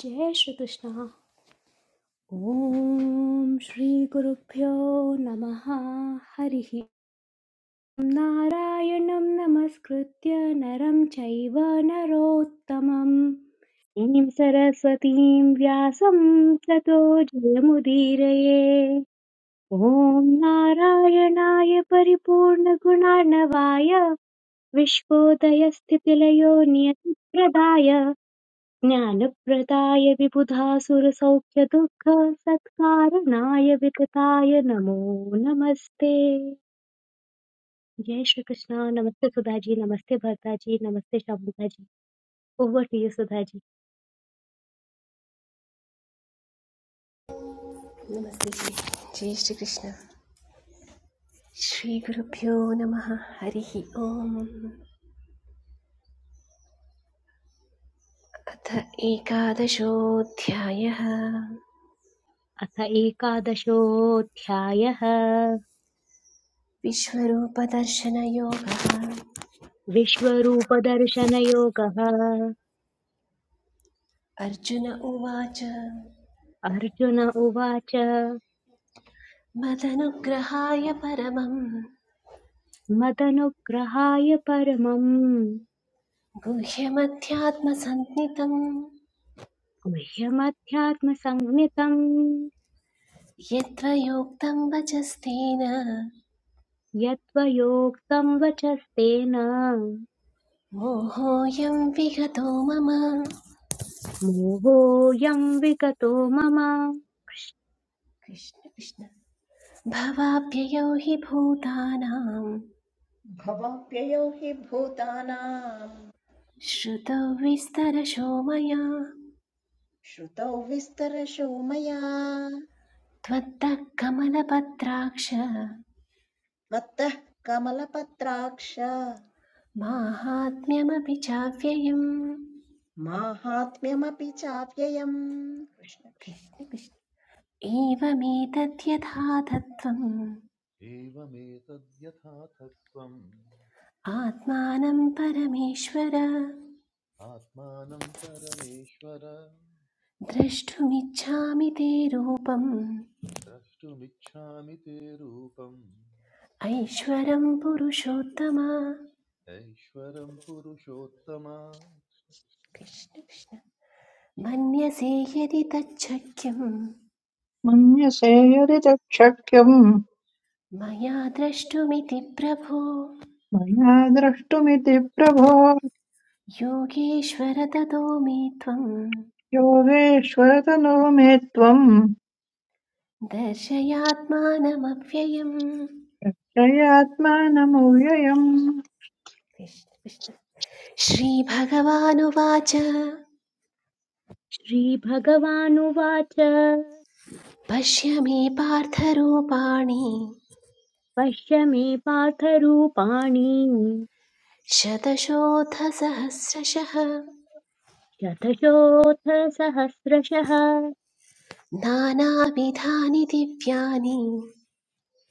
जय श्रीकृष्ण ॐ श्रीगुरुभ्यो नमः हरिः नारायणं नमस्कृत्य नरं चैव नरोत्तमं ीं सरस्वतीं व्यासं ततो जयमुदीरये ॐ नारायणाय परिपूर्णगुणार्णवाय विश्वोदयस्थितिलयो नियतिप्रदाय ज्ञानप्रदाय विबुधासुरसौख्यदुःखसत्कारणाय वितताय नमो नमस्ते जय श्री कृष्णा नमस्ते सुधा जी नमस्ते भरता जी नमस्ते Shamuda ji over to you Sudha ji नमस्ते जी जय श्रीकृष्ण श्रीगुरुभ्यो नमः हरिः ओम् अथ एकादशोऽध्यायः अथ एकादशोऽध्यायः विश्वरूपदर्शनयोगः विश्वरूपदर्शनयोगः अर्जुन उवाच अर्जुन उवाच मदनुग्रहाय परमं मदनुग्रहाय परमम् गुह्यमध्यात्मसन्नितं गुह्यमध्यात्मसंज्ञितम् यद्वयोक्तं वचस्तेन यत्त्वयोक्तं वचस्तेन मोहोऽयं विगतो मम मोहोऽयं विगतो मम कृष्ण कृष्ण भवाभ्ययो हि भूतानां भवाप्ययौ हि भूतानाम् श्रुतौ विस्तरशो मया श्रुतौ विस्तरशो मया त्वत्तः कमलपत्राक्ष मत्तः कमलपत्राक्ष माहात्म्यमपि चाव्ययम् माहात्म्यमपि चाव्ययम् कृष्ण कृष्ण कृष्ण कृष्ण एवमेतद्यथा तत्त्वम् एवमेतद्यथाथत्वम् आत्मानं परमेश्वर आत्मानं परमेश्वर द्रष्टुमिच्छामि ते रूपम् द्रष्टुमिच्छामि ते रूपम् ऐश्वरं पुरुषोत्तम ऐश्वरं पुरुषोत्तम कृष्ण कृष्ण मन्यसे यदि तच्छक्यं मन्यसे यदि तच्छक्यम् मया द्रष्टुमिति प्रभो मया द्रष्टुमिति प्रभो योगेश्वर ततो मे त्वं योगेश्वरतनो मे त्वम् दर्शयात्मानमव्ययम् जयात्मानमव्ययम् कृष्ण कृष्ण श्रीभगवानुवाच श्रीभगवानुवाच पश्य मे पार्थरूपाणि पश्य मे पार्थरूपाणि शतशोऽथसहस्रशः शतशोऽथ सहस्रशः नानाविधानि दिव्यानि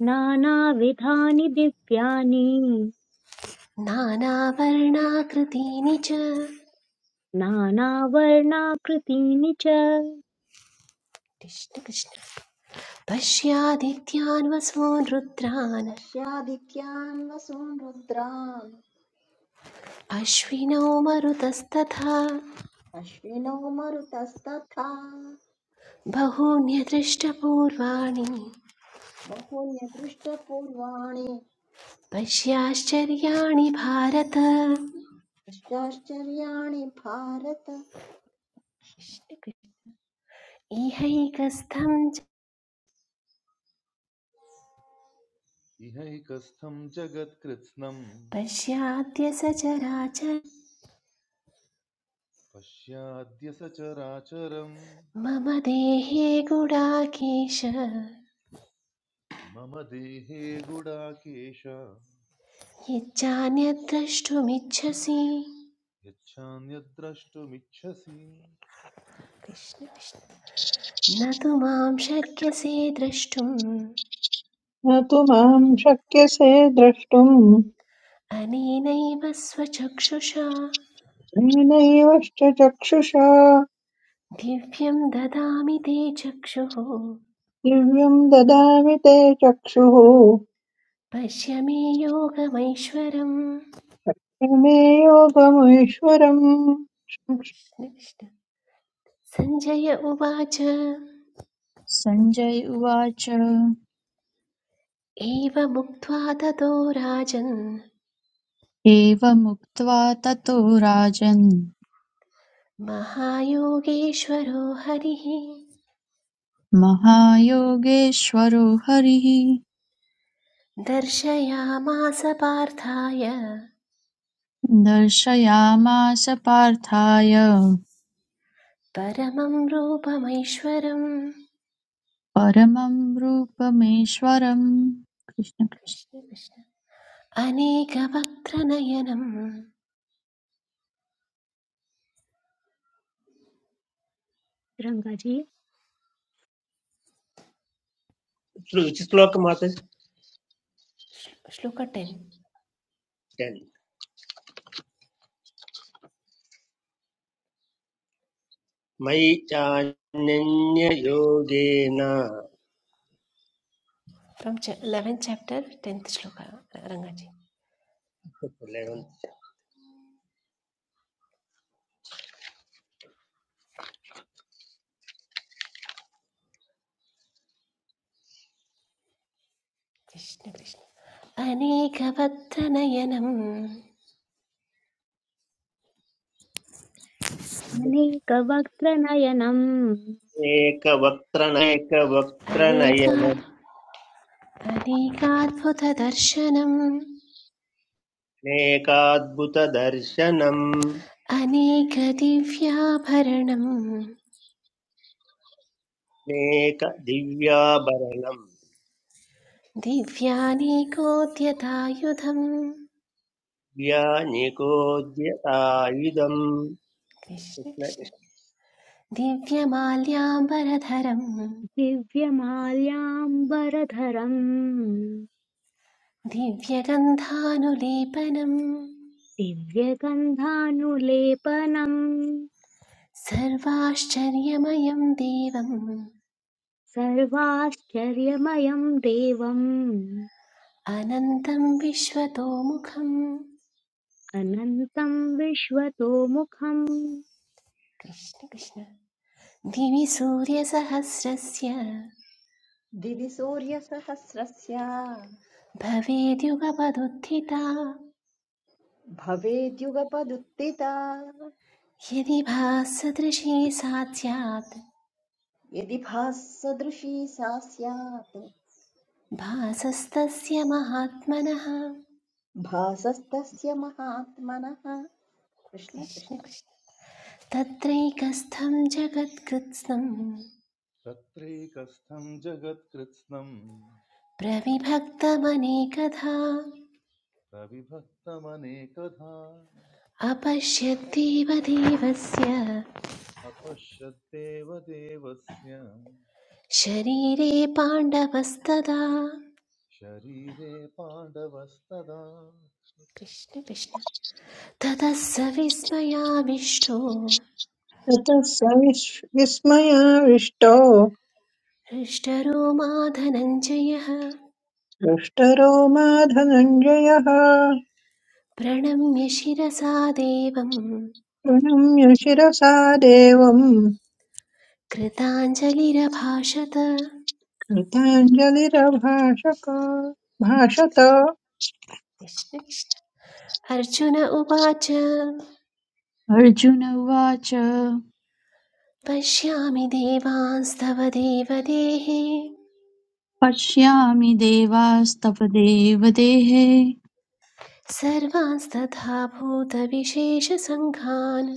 नानाविधानि दिव्यानि नानावर्णाकृतीनि च नानावर्णाकृतीनि च कृष्ण पश्यादित्यान् वसून् रुद्रान् पश्यादित्यान् वसून् रुद्रान् अश्विनौ मरुतस्तथा अश्विनौ मरुतस्तथा बहून्यदृष्टपूर्वाणि बहून्य दृष्टपूर्वाणि पश्याश्चर्याणि भारत पश्चाश्चर्याणि भारत इहैकस्थं च इहैकस्थं जगत्कृत्स्नम् पश्याद्य सचराचर पश्याद्य सचराचरम् मम देहे गुडाकेश मम देहे गुडाकेश यच्चान्यद्द्रष्टुमिच्छसि यच्छान्यद्द्रष्टुमिच्छसि कृष्ण कृष्ण न तु मां शक्यसे द्रष्टुम् न तु माम् शक्यसे द्रष्टुम् अनेनैव स्वचक्षुषा तेनैवश्च चक्षुषा दिव्यं ददामि ते चक्षुः दिव्यम् ददामि ते चक्षुः पश्य मे योगमैश्वरम् प्रमे योगमीश्वरम् कृष्ण कृष्ण सञ्जय उवाच सञ्जय उवाच एवमुक्त्वा ततो राजन् एवमुक्त्वा ततो राजन् महायोगेश्वरो हरिः महायोगेश्वरो हरिः दर्शयामास पार्थाय दर्शयामास पार्थाय परमं रूपमैश्वरम् परमं रूपमेश्वरम् कृष्ण कृष्ण। कृष्ण कृष्ण अनेकवक्त्रनयनं रङ्गजी श्लोकमात्र श्लो- श्लोक टेन् मयि चान्ययोगेन फ्रम् लेवेन् चाप्टर् टेन्त् श्लोक रङ्गाजी कृष्ण कृष्ण अनेकवत्तनयनम् अनेकवक्त्रनयनम् अनेकात् एकवक्त्रनैकवक्त्रनयनमेकाद्भुतदर्शनम् अनेकाद्भुतदर्शनम् अनेकदिव्याभरणम् दिव्याभरणम् दिव्यानेकोद्यतायुधम् दिव्यानिकोद्यतायुधम् कृष्ण कृष्ण दिव्यमाल्याम्बरधरम् दिव्यमाल्याम्बरधरम् दिव्यगन्धानुलेपनम् दिव्यगन्धानुलेपनम् सर्वाश्चर्यमयं देवम् सर्वाश्चर्यमयं देवम् अनन्तं विश्वतोमुखम् अनन्तं विश्वतोमुखम् कृष्ण कृष्ण दिवि सूर्यसहस्रस्य दिवि सूर्यसहस्रस्य भवेद्युगपदुत्थिता भवेद्युगपदुत्थिता यदि भासदृशी सा स्यात् यदि भाससदृशी सा स्यात् भासस्तस्य महात्मनः भासस्तस्य महात्मनः कृष्ण कृष्ण कृष्ण कृष्ण तत्रैकस्थं जगत्कृत्स्नं तत्रैकस्थं जगत्कृत्स्नम् प्रविभक्तमनेकधा प्रविभक्तमनेकधा अपश्यद्देवदेवस्य अपश्यद्देव देवस्य शरीरे पाण्डवस्तदा शरीरे पाण्डवस्तदा कृष्ण कृष्ण ततः स विस्मयाविष्टो ततः स विस्- विस्मयाविष्टो हृष्टरो माधनञ्जयः दृष्टरो मा धनञ्जयः प्रणम्य शिरसा देवं प्रणम्य शिरसा देवम् कृताञ्जलिरभाषत कृताञ्जलिरभाषक भाषत कृष्ण कृष्ण। अर्जुन उवाच अर्जुन उवाच पश्यामि देवांस्तव देवदेः पश्यामि देवास्तव देवदेहे सर्वांस्तथा भूतविशेषसङ्घान्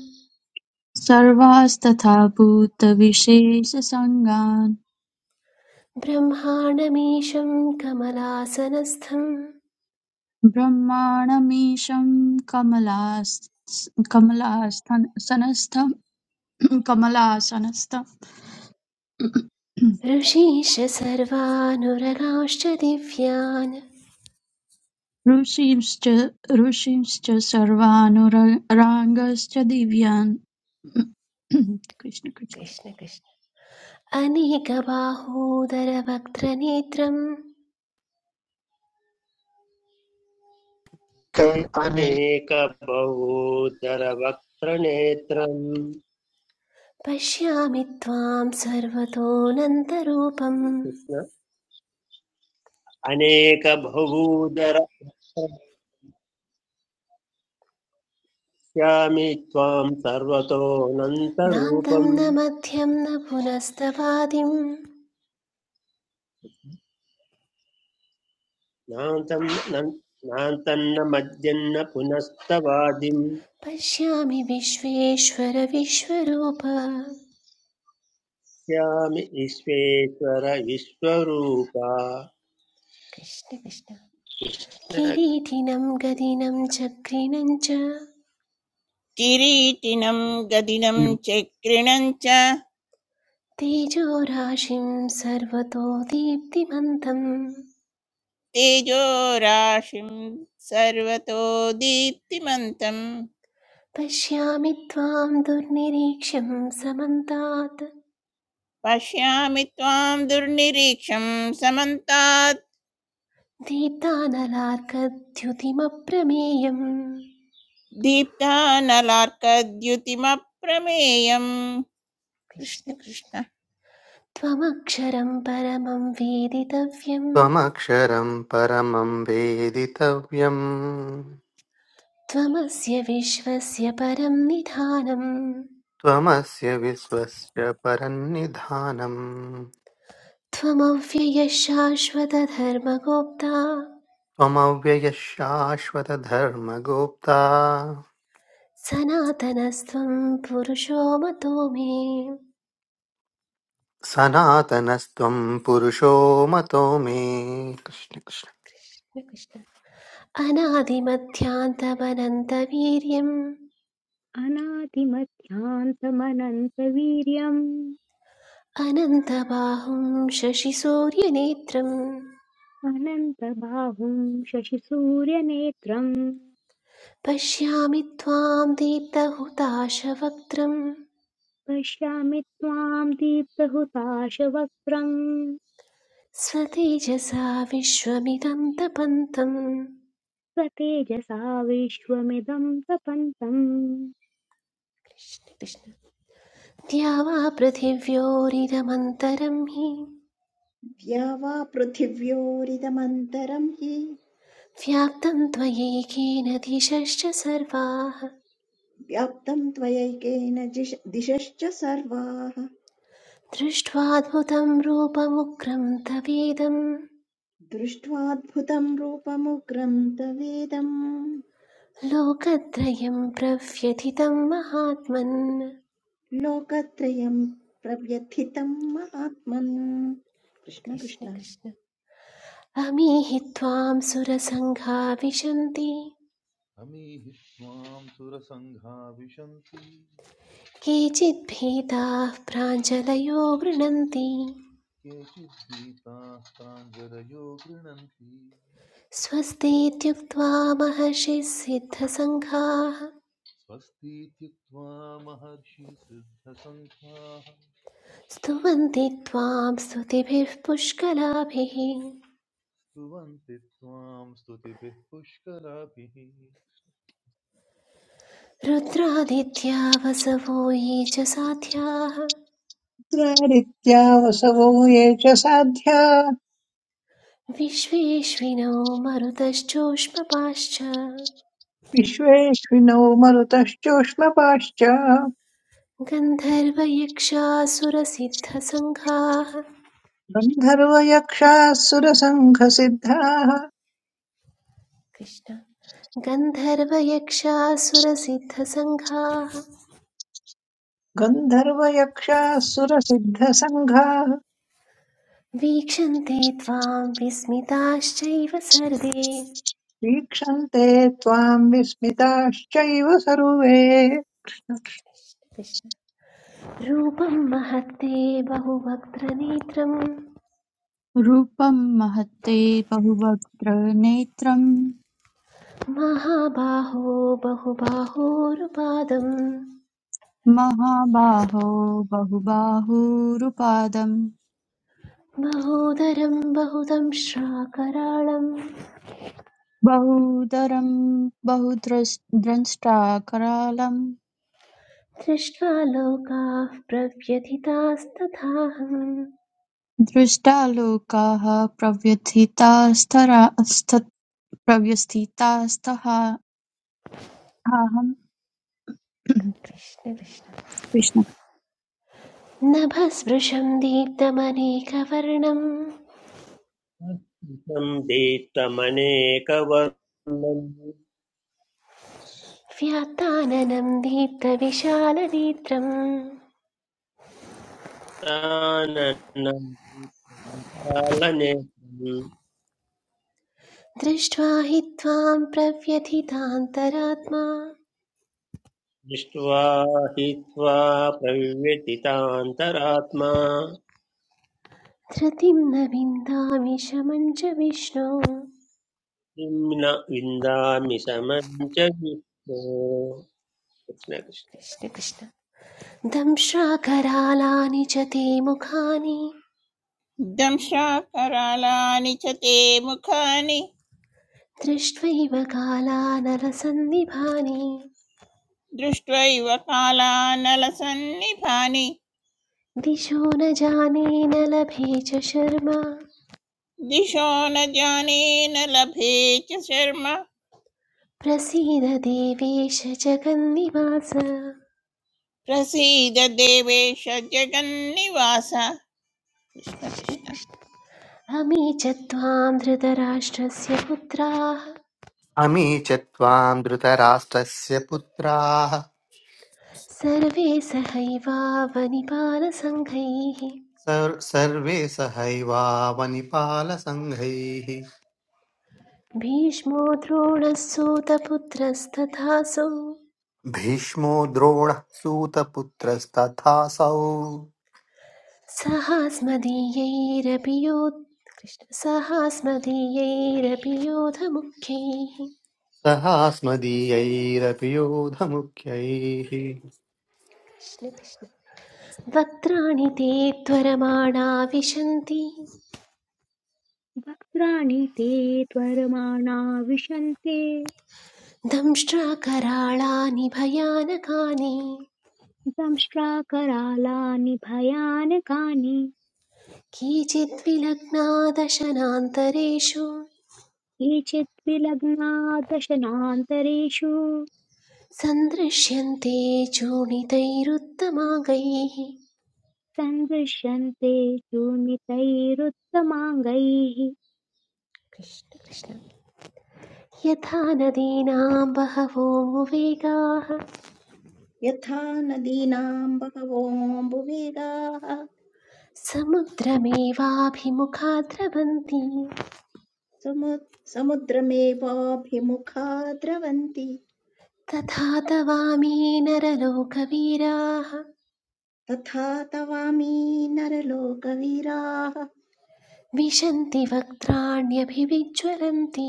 सर्वास्तथा भूतविशेषसङ्गान् ब्रह्माणमीशं कमलासनस्थं ब्रह्माणमीशं कमलास्- कमलास्थन- सनस्थं कमलासनस्थम् ऋषीश सर्वानुरगांश्च दिव्यान् ऋषींश्च ऋषींश्च सर्वानुरागांश्च दिव्यान् कृष्ण कृष्ण कृष्ण कृष्ण अनेकबाहोदरवक्त्रनेत्रं कर्मणि अनेकबहुधरवक्त्रनेत्रम् पश्यामि त्वां सर्वतोऽनन्तरूपं कृष्ण अनेकबहुधर पश्यामि त्वां नान्तं सर्वतोऽनन्तरूपम् न मध्यं न पुनस्तवादिं नान्तं नान्तन्न मद्यन्न पुनस्तवादिं पश्यामि विश्वेश्वर विश्वरूप स्यामि ईश्वेश्वर ईश्वरूपा कृष्ण कृष्ण किरीटिनं गदिनं चक्रिणं च किरीटिनं गदिनं चक्रिणं च तेजोराशिं सर्वतो दीप्तिमन्तं तेजोराशिं सर्वतो दीप्तिमन्तं पश्यामि त्वां दुर्निरीक्ष्यं समन्तात् पश्यामि त्वां दुर्निरीक्षं समन्तात् दीप्तानलार्कद्युतिमप्रमेयम् दीप्तानलार्कद्युतिमप्रमेयम् कृष्ण कृष्ण कृष्ण कृष्ण त्वमक्षरं परमं वेदितव्यं त्वमक्षरं परमं वेदितव्यं त्वमस्य विश्वस्य परं निधानम् त्वमस्य विश्वस्य परन्निधानम् त्वमव्ययः शाश्वतधर्मगोप्ता त्वमव्ययः शाश्वतधर्मगोप्ता सनातनस्त्वं पुरुषो मतो मे सनातनस्त्वं पुरुषो मतो मे कृष्ण कृष्ण कृष्ण कृष्ण अनादिमध्यान्तमनन्तवीर्यम् अनादिमध्यान्तमनन्तवीर्यम् अनन्तबाहुं शशिसूर्यनेत्रम् पश्यामि त्वां दीप्तहुताशवक्त्रं पश्यामि त्वां दीप्तहुताशवक्त्रम् स्वतेजसा विश्वमिदं तपन्तम् स्वतेजसा विश्वमिदं तपन्तम् कृष्ण कृष्ण द्या वा पृथिव्योरिदमन्तरं हि द्या वा पृथिव्योरिदमन्तरं हि व्याप्तं त्वयैकेन दिशश्च सर्वाः व्याप्तं त्वयैकेन जिश- दिशश्च सर्वाः दृष्ट्वाद्भुतं रूपमुग्रं तवेदं दृष्ट्वाद्भुतं रूपमुग्रं तवेदम् लोकत्रयं प्रव्यथितं महात्मन् लोकत्रयं प्रव्यथितं महात्मन् कृष्ण कृष्ण कृष्ण कृष्ण अमीहि त्वां सुरसङ्घा विशन्ति अमीहि त्वां सुरसङ्घा विशन्ति केचिद्भीताः प्राञ्जलयो गृणन्ति केचिद्गीताः प्राञ्जलयो गृणन्ति स्वस्तीत्युक्त्वा महर्षिः सिद्धसङ्घाः स्वस्तीत्युक्त्वा महर्षिसिद्धसङ्घाः स्तुवन्ति त्वां स्तुतिभिः पुष्कलाभिः स्तुवन्ति त्वां स्तुतिभिः पुष्कराभिः रुद्रादित्या वसवो ये च साध्याः द्वारित्या वसवो ये च साध्या विश्वेश्विनो मरुतश्चोष्मपाश्च विश्वेश्विनो मरुतश्चोष्मपाश्च गन्धर्वयक्षासुरसिद्धसङ्घाः गन्धर्वयक्षाः सुरसङ्घसिद्धाः कृष्ण गन्धर्वयक्षासुरसिद्धसङ्घाः गन्धर्वयक्षाः सुरसिद्धसङ्घाः वीक्षन्ते त्वां विस्मिताश्चैव सर्वे वीक्षन्ते त्वाम् विस्मिताश्चैव सर्वे कृष्ण रूपं महत्ते बहुवक्त्रनेत्रं रूपं महत्ते बहुवक्त्र नेत्रं महाबाहो बहुबाहोरुपादं महाबाहो बहुबाहुरुपादं महोदरं बहुदं श्राकराळं बहुदरं बहुद्रष्टाकरालं दृष्ट्वा लोकाः प्रव्यथितास्तथाहम् दृष्टालोकाः प्रव्यथितास्तहाहं कृष्ण कृष्ण नभस्पृशं दीप्तमनेकवर्णं दीप्तमनेकवर्णं व्यात्ताननं दीप्तविशालनेत्रम् दीप्तमनेकवर्णं दृष्ट्वा हि त्वां प्रव्यथितान्तरात्मा दृष्ट्वा हित्वा प्रव्यतितान्तरात्मा धृतिं न विन्दामि शमं च विष्णो निम्न विन्दामि समं च विष्णो कृष्णकृष्ण कृष्ण कृष्ण दंशाकरालानि च ते मुखानि दंशाकरालानि च ते मुखानि दृष्ट्वैव कालानलसन्निभानि दृष्ट्वैव कालानलसन्निभानि दिशो न जाने न लभे च शर्मा दिशो न जाने न लभे च शर्म प्रसीद देवेश जगन्निवास प्रसीद देवेश जगन्निवास कृष्ण कृष्ण अमी च त्वां धृतराष्ट्रस्य पुत्राः अमी च त्वां धृतराष्ट्रस्य पुत्राः सर्वे सहैवावनिपालसङ्घैः सर्- सर्वे सहैवावनिपालसङ्घैः भीष्मो द्रोणस्सोतपुत्रस्तथासौ भीष्मो द्रोणः सूतपुत्रस्तथासौ सहास्मदीयैरपि योद् कृष्ण सहास्मदीयैरपि योधमुख्यैः सहास्मदीयैरपि योधमुख्यैः वक्त्राणि ते त्वरमाणा विशन्ति वक्त्राणि ते त्वरमाणा विशन्ते दंष्ट्राकराळानि भयानकानि संश्राकरालानि भयानकानि केचिद्विलग्नादशनान्तरेषु केचित् विलग्ना दशनान्तरेषु सन्दृश्यन्ते चूणितैरुत्तमाङ्गैः सन्दृश्यन्ते चूर्णितैरुत्तमाङ्गैः कृष्ण कृष्ण यथा नदीनां बहवो वेगाः यथा नदीनां बहवोऽम्बुवेगाः समुद्रमेवाभिमुखा द्रवन्ति समुद् समुद्रमेवाभिमुखा द्रवन्ति तथा तवामी नरलोकवीराः तथा तवामी नरलोकवीराः विशन्ति वक्त्राण्यभिविज्वलन्ति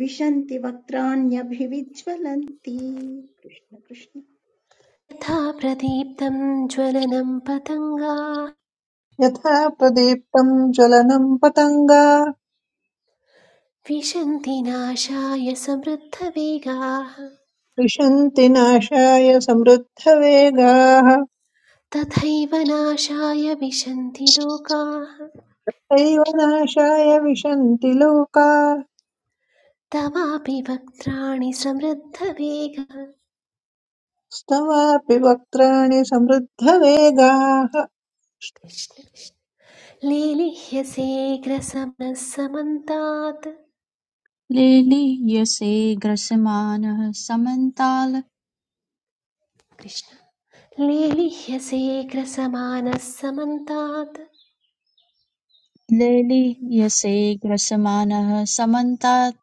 विशन्ति वक्त्राण्यभिविज्वलन्ति कृष्ण कृष्ण यथा प्रदीप्तं ज्वलनं पतङ्गाः यथा प्रदीप्तम् ज्वलनम् पतङ्गा विशन्ति नाशाय समृद्धवेगाः विशन्ति नाशाय समृद्धवेगाः तथैव नाशाय विशन्ति लोकाः तैव नाशाय विशन्ति तवापि वक्त्राणि समृद्धवेगः लोकास्तवापि वक्त्राणि समृद्धवेगाः कृष्ण कृष्ण। लेलिह्यसेग्रसमः समन्तात् लेलीयसे ग्रसमानः समन्ताल् कृष्ण लेलिह्यसेग्रसमानः समन्तात् लेलीयसे ग्रसमानः समन्तात्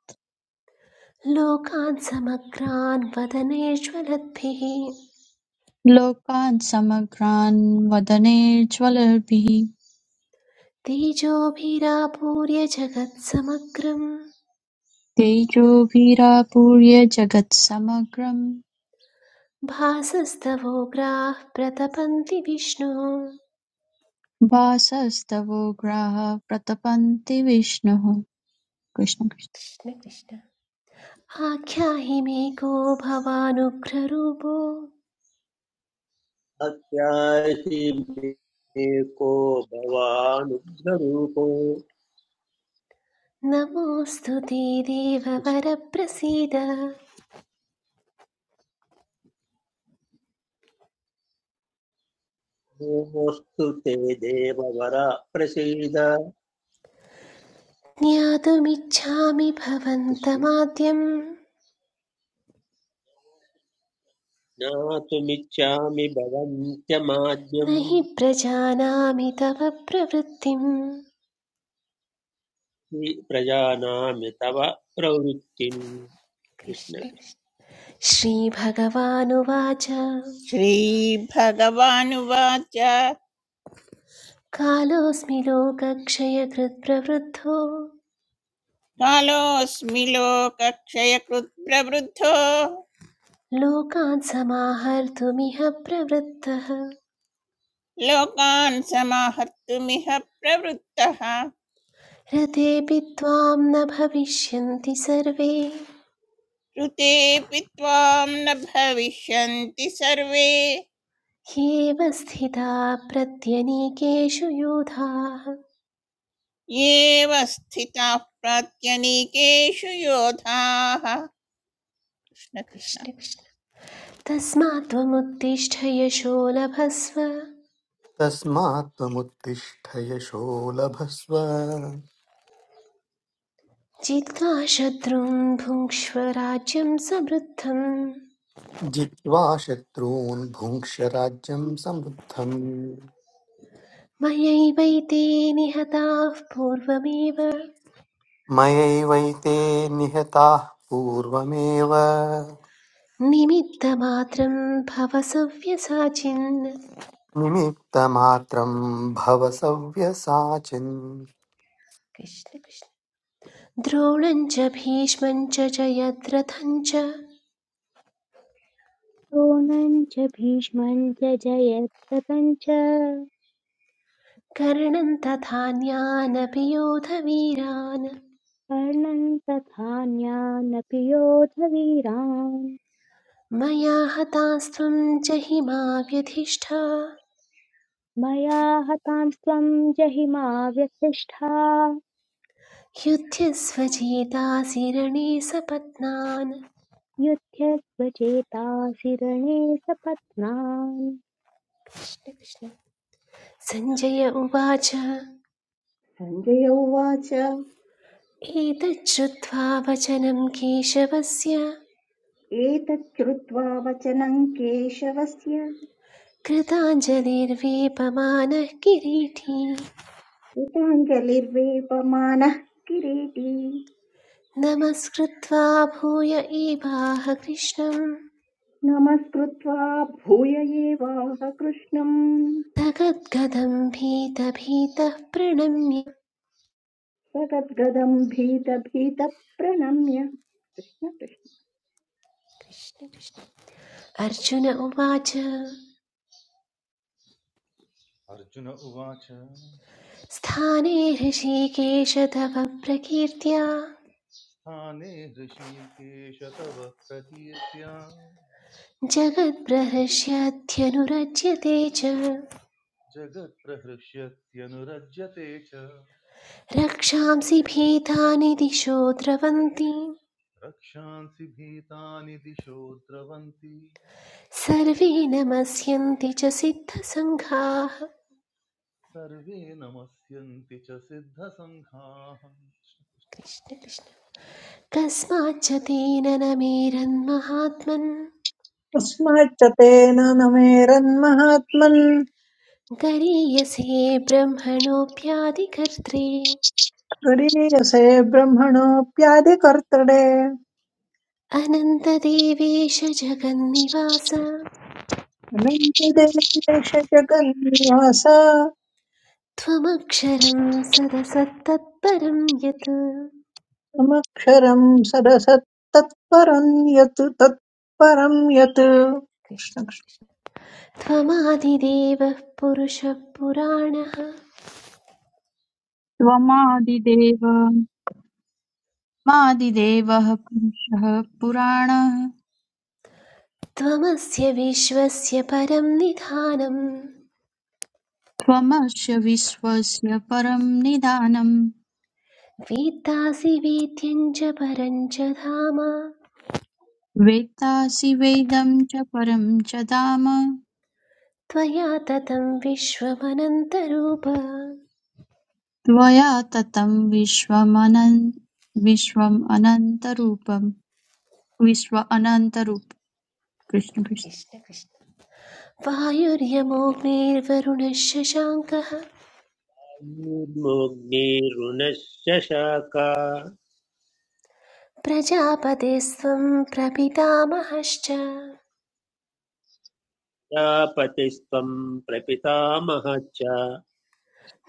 लोकान् समग्रान् वदनेष्वलद्भिः लोकान् समग्रान् वदने ज्वलभिः तेजोभिरापूर्य जगत्समग्रम् तेजोभिरापूर्य जगत्समग्रं भासस्तवोग्राः प्रतपन्ति विष्णु भासस्तवोग्राः प्रतपन्ति विष्णुः कृष्ण कृष्ण। कृष्ण कृष्ण आख्याहि को भवानुग्ररूपो अत्यासि मे को भवानुग्ररूपो नमोऽस्तु ते देववरप्रसीद कृष्णोऽस्तु ते देववर प्रसीद ज्ञातुमिच्छामि कृष्ण भवन्तमाद्यं ज्ञातुमिच्छामि भवन्त्यमाद्यं न हि प्रजानामि तव प्रवृत्तिम् हि प्रजानामि तव प्रवृत्तिम् कृष्ण कृष्ण। श्रीभगवानुवाच श्रीभगवानुवाच कालोऽस्मि लोकक्षयकृत् प्रवृद्धो कालोऽस्मि लोकक्षयकृत् प्रवृद्धो लोकान् समाहर्तुमिह प्रवृत्तः लोकान् समाहर्तुमिह प्रवृत्तः रथेऽपि त्वां न भविष्यन्ति सर्वे ऋतेऽपि त्वां न भविष्यन्ति सर्वे ह्येव स्थिता प्रत्यनीकेषु यूथाः येव स्थिताः प्रात्यनीकेषु योधाः कृष्ण कृष्ण कृष्ण कृष्ण तस्मात् त्वमुत्तिष्ठ यशो लभस्व तस्मात् त्वमुत्तिष्ठ यशो लभस्व जित्वा शत्रुं भुङ्क्ष्व राज्यं समृद्धम् जित्वा शत्रून् भुङ्क्ष राज्यम् समृद्धम् मयैवैते निहताः पूर्वमेव मयैवैते निहताः पूर्वमेव निमित्तमात्रं भव सव्यसाचिन् निमित्तमात्रम् भव सव्यसाचिन् कृष्ण कृष्ण द्रोणं च भीष्मं च जयद्रथं च द्रोणं च भीष्मं च जयद्रथं च कर्णं तथा ज्ञानपि योधवीरान् कर्णं तथान्यानपि योधवीरान् मया हतास्त्वं च हिमाव्यधिष्ठा मया हतांस्त्वं जहिमा व्यथिष्ठा युध्ये स्वजेतासि रणे सपत्नान् युध्यस्व चेतासि रणे सपत्नान् कृष्ण कृष्ण। सञ्जय उवाच सञ्जय उवाच एतच्छ्रुत्वा वचनं केशवस्य एतत् श्रुत्वा वचनं केशवस्य कृताञ्जलिर्वेपमानः किरीटी कृताञ्जलिर्वेपमानः किरीटी नमस्कृत्वा भूय एवाह कृष्णं नमस्कृत्वा भूय एवाह कृष्णम् तगद्गदं भीतभीतः प्रणम्य सगद्गदम् भीत भीत प्रणम्य कृष्ण कृष्ण। अर्जुन उवाच अर्जुन उवाच स्थाने हृषीकेश तव प्रकीर्त्या स्थाने हृषीकेश तव प्रकीर्त्या जगद्ब्रहर्ष्यध्यनुरज्यते च जगत्प्रहृष्यत्यनुरज्यते च रक्षांसि भीतानि दिशो द्रवन्ति रक्षांसि भीतानि दिशो द्रवन्ति सर्वे नमस्यन्ति च सिद्धसङ्घाः सर्वे नमस्यन्ति च सिद्धसङ्घाः कृष्ण कृष्ण कस्माच्च तेन न मेरन्महात्मन् तस्माच्च तेन न मेरन्महात्मन् गरीयसे ब्रह्मणोऽप्यादिकर्त्रे गरीयसे ब्रह्मणोऽप्यादिकर्तृडे अनन्तदेवेश जगन्निवास अनन्तिदेश जगन्निवास त्वमक्षरं सदसत्तत्परं यत् समक्षरम् सरसत्तत्परम् यत् तत्परम् यत् कृष्ण त्वमादिदेवः पुरुषः पुराणः त्वमादिदेव मादिदेवः पुरुषः पुराणः त्वमस्य विश्वस्य परं निधानम् त्वमस्य विश्वस्य परं निदानम् वेत्तासि वेद्यं च परं च धाम वेत्तासि वेदं च परं च धाम त्वया ततं विश्वमनन्तरूप कृष्ण त्वया ततं विश्वमनन् विश्वम् अनन्तरूपं विश्व अनन्तरूप कृष्ण कृष्ण कृष्ण वायुर्यमोऽग्निर्वरुणः शशाङ्कः कृष्णकृष्णोऽग्निरुणश्च शाखा प्रजापतेस्त्वं प्रपितामहश्च प्रजापतिस्त्वम् प्रपितामह च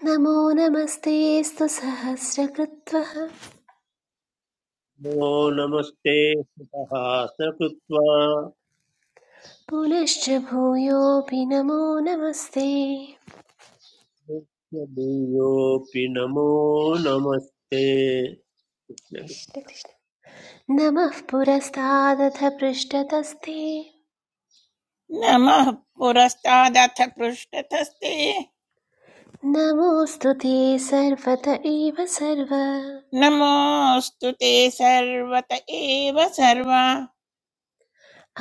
नमो नमस्तेऽस्तु सहस्रकृत्वः नमो नमस्ते सुतः सकृत्वा पुनश्च भूयोऽपि नमो नमस्ते देयोऽपि नमो नमस्ते नमः पुरस्तादथ पृष्ठतस्ते नमः पुरस्तादथ पृष्ठतस्ते नमोऽस्तु ते सर्वत एव सर्व नमोऽस्तु ते सर्वत एव सर्व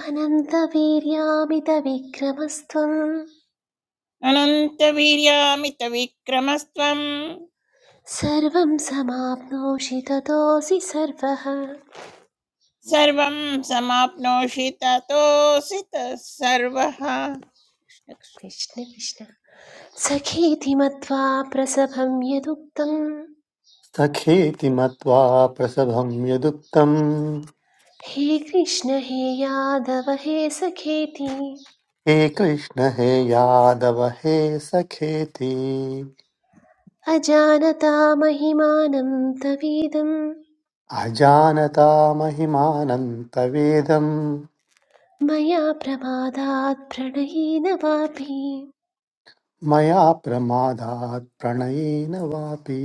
अनन्तवीर्यामितविक्रमस्त्वं अनन्तवीर्यामितविक्रमस्त्वम् सर्वं समाप्नोषि ततोऽसि सर्वः सर्वं समाप्नोषि ततोऽसि तः सर्वः कृष्ण कृष्ण सखेति प्रसभं यदुक्तं सखेति मत्वा प्रसभं यदुक्तम् हे कृष्ण हे यादव हे सखेति हे कृष्ण हे यादव हे सखेति अजानता महिमानं तवीदं अजानता महिमानन्तवेदम् मया प्रमादात् प्रणयेन वापि मया प्रमादात् प्रणयेन वापि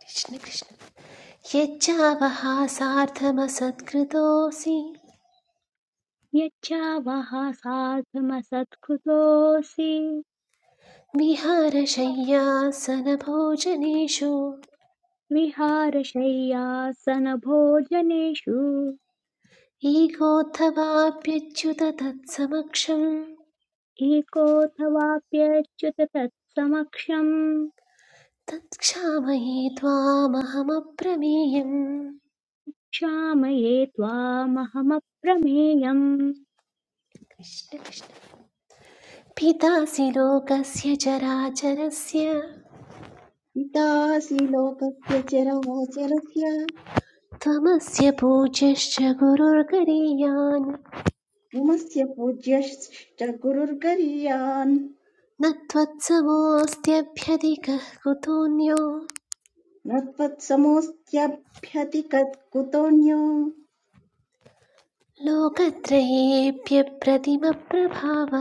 कृष्ण कृष्ण यच्चावहासार्थमसत्कृतोऽसि यच्चावः साधुमसत्कृतोऽसि विहारशय्यासनभोजनेषु विहारशय्यासनभोजनेषु ईगोत्थवाप्यच्युत तत्समक्षम् एकोऽथवाप्यच्युत तत्समक्षम् तत्क्षामये त्वामहमप्रमेयम् क्षामये त्वामहमप्रमेयम् कृष्ण कृष्ण पितासि लोकस्य चराचरस्य पितासि लोकस्य चराचरस्य त्वमस्य पूज्यश्च गुरुर्गरीयान् पुमस्य पूज्यश्च गुरुर्गरीयान् न त्वत्समोऽस्त्यभ्यधिकः कुतोऽन्यो न त्वत्समोऽस्त्यभ्यतिकत् कुतोऽन्यो लोकत्रयेऽप्यप्रतिमप्रभाव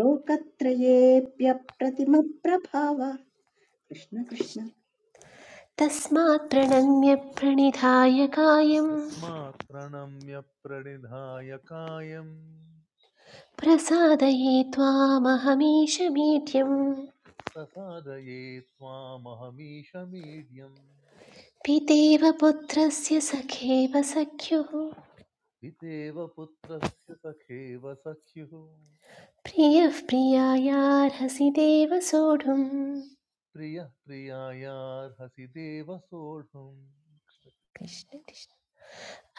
लोकत्रयेऽप्यप्रतिमप्रभावः कृष्ण कृष्ण तस्मात् प्रणम्य प्रणिधाय कायं तस्मात् प्रणम्य प्रणिधाय कायम् प्रसादये त्वामहमीश मीड्यम् प्रसादये त्वामहमीशमीड्यम् पितेव पुत्रस्य सखेव सख्युः पितेव पुत्रस्य सखेव सख्युः प्रियः प्रियायार्हसि देव सोढुम् प्रियः प्रियायार्हसि देव सोढुम् कृष्ण कृष्ण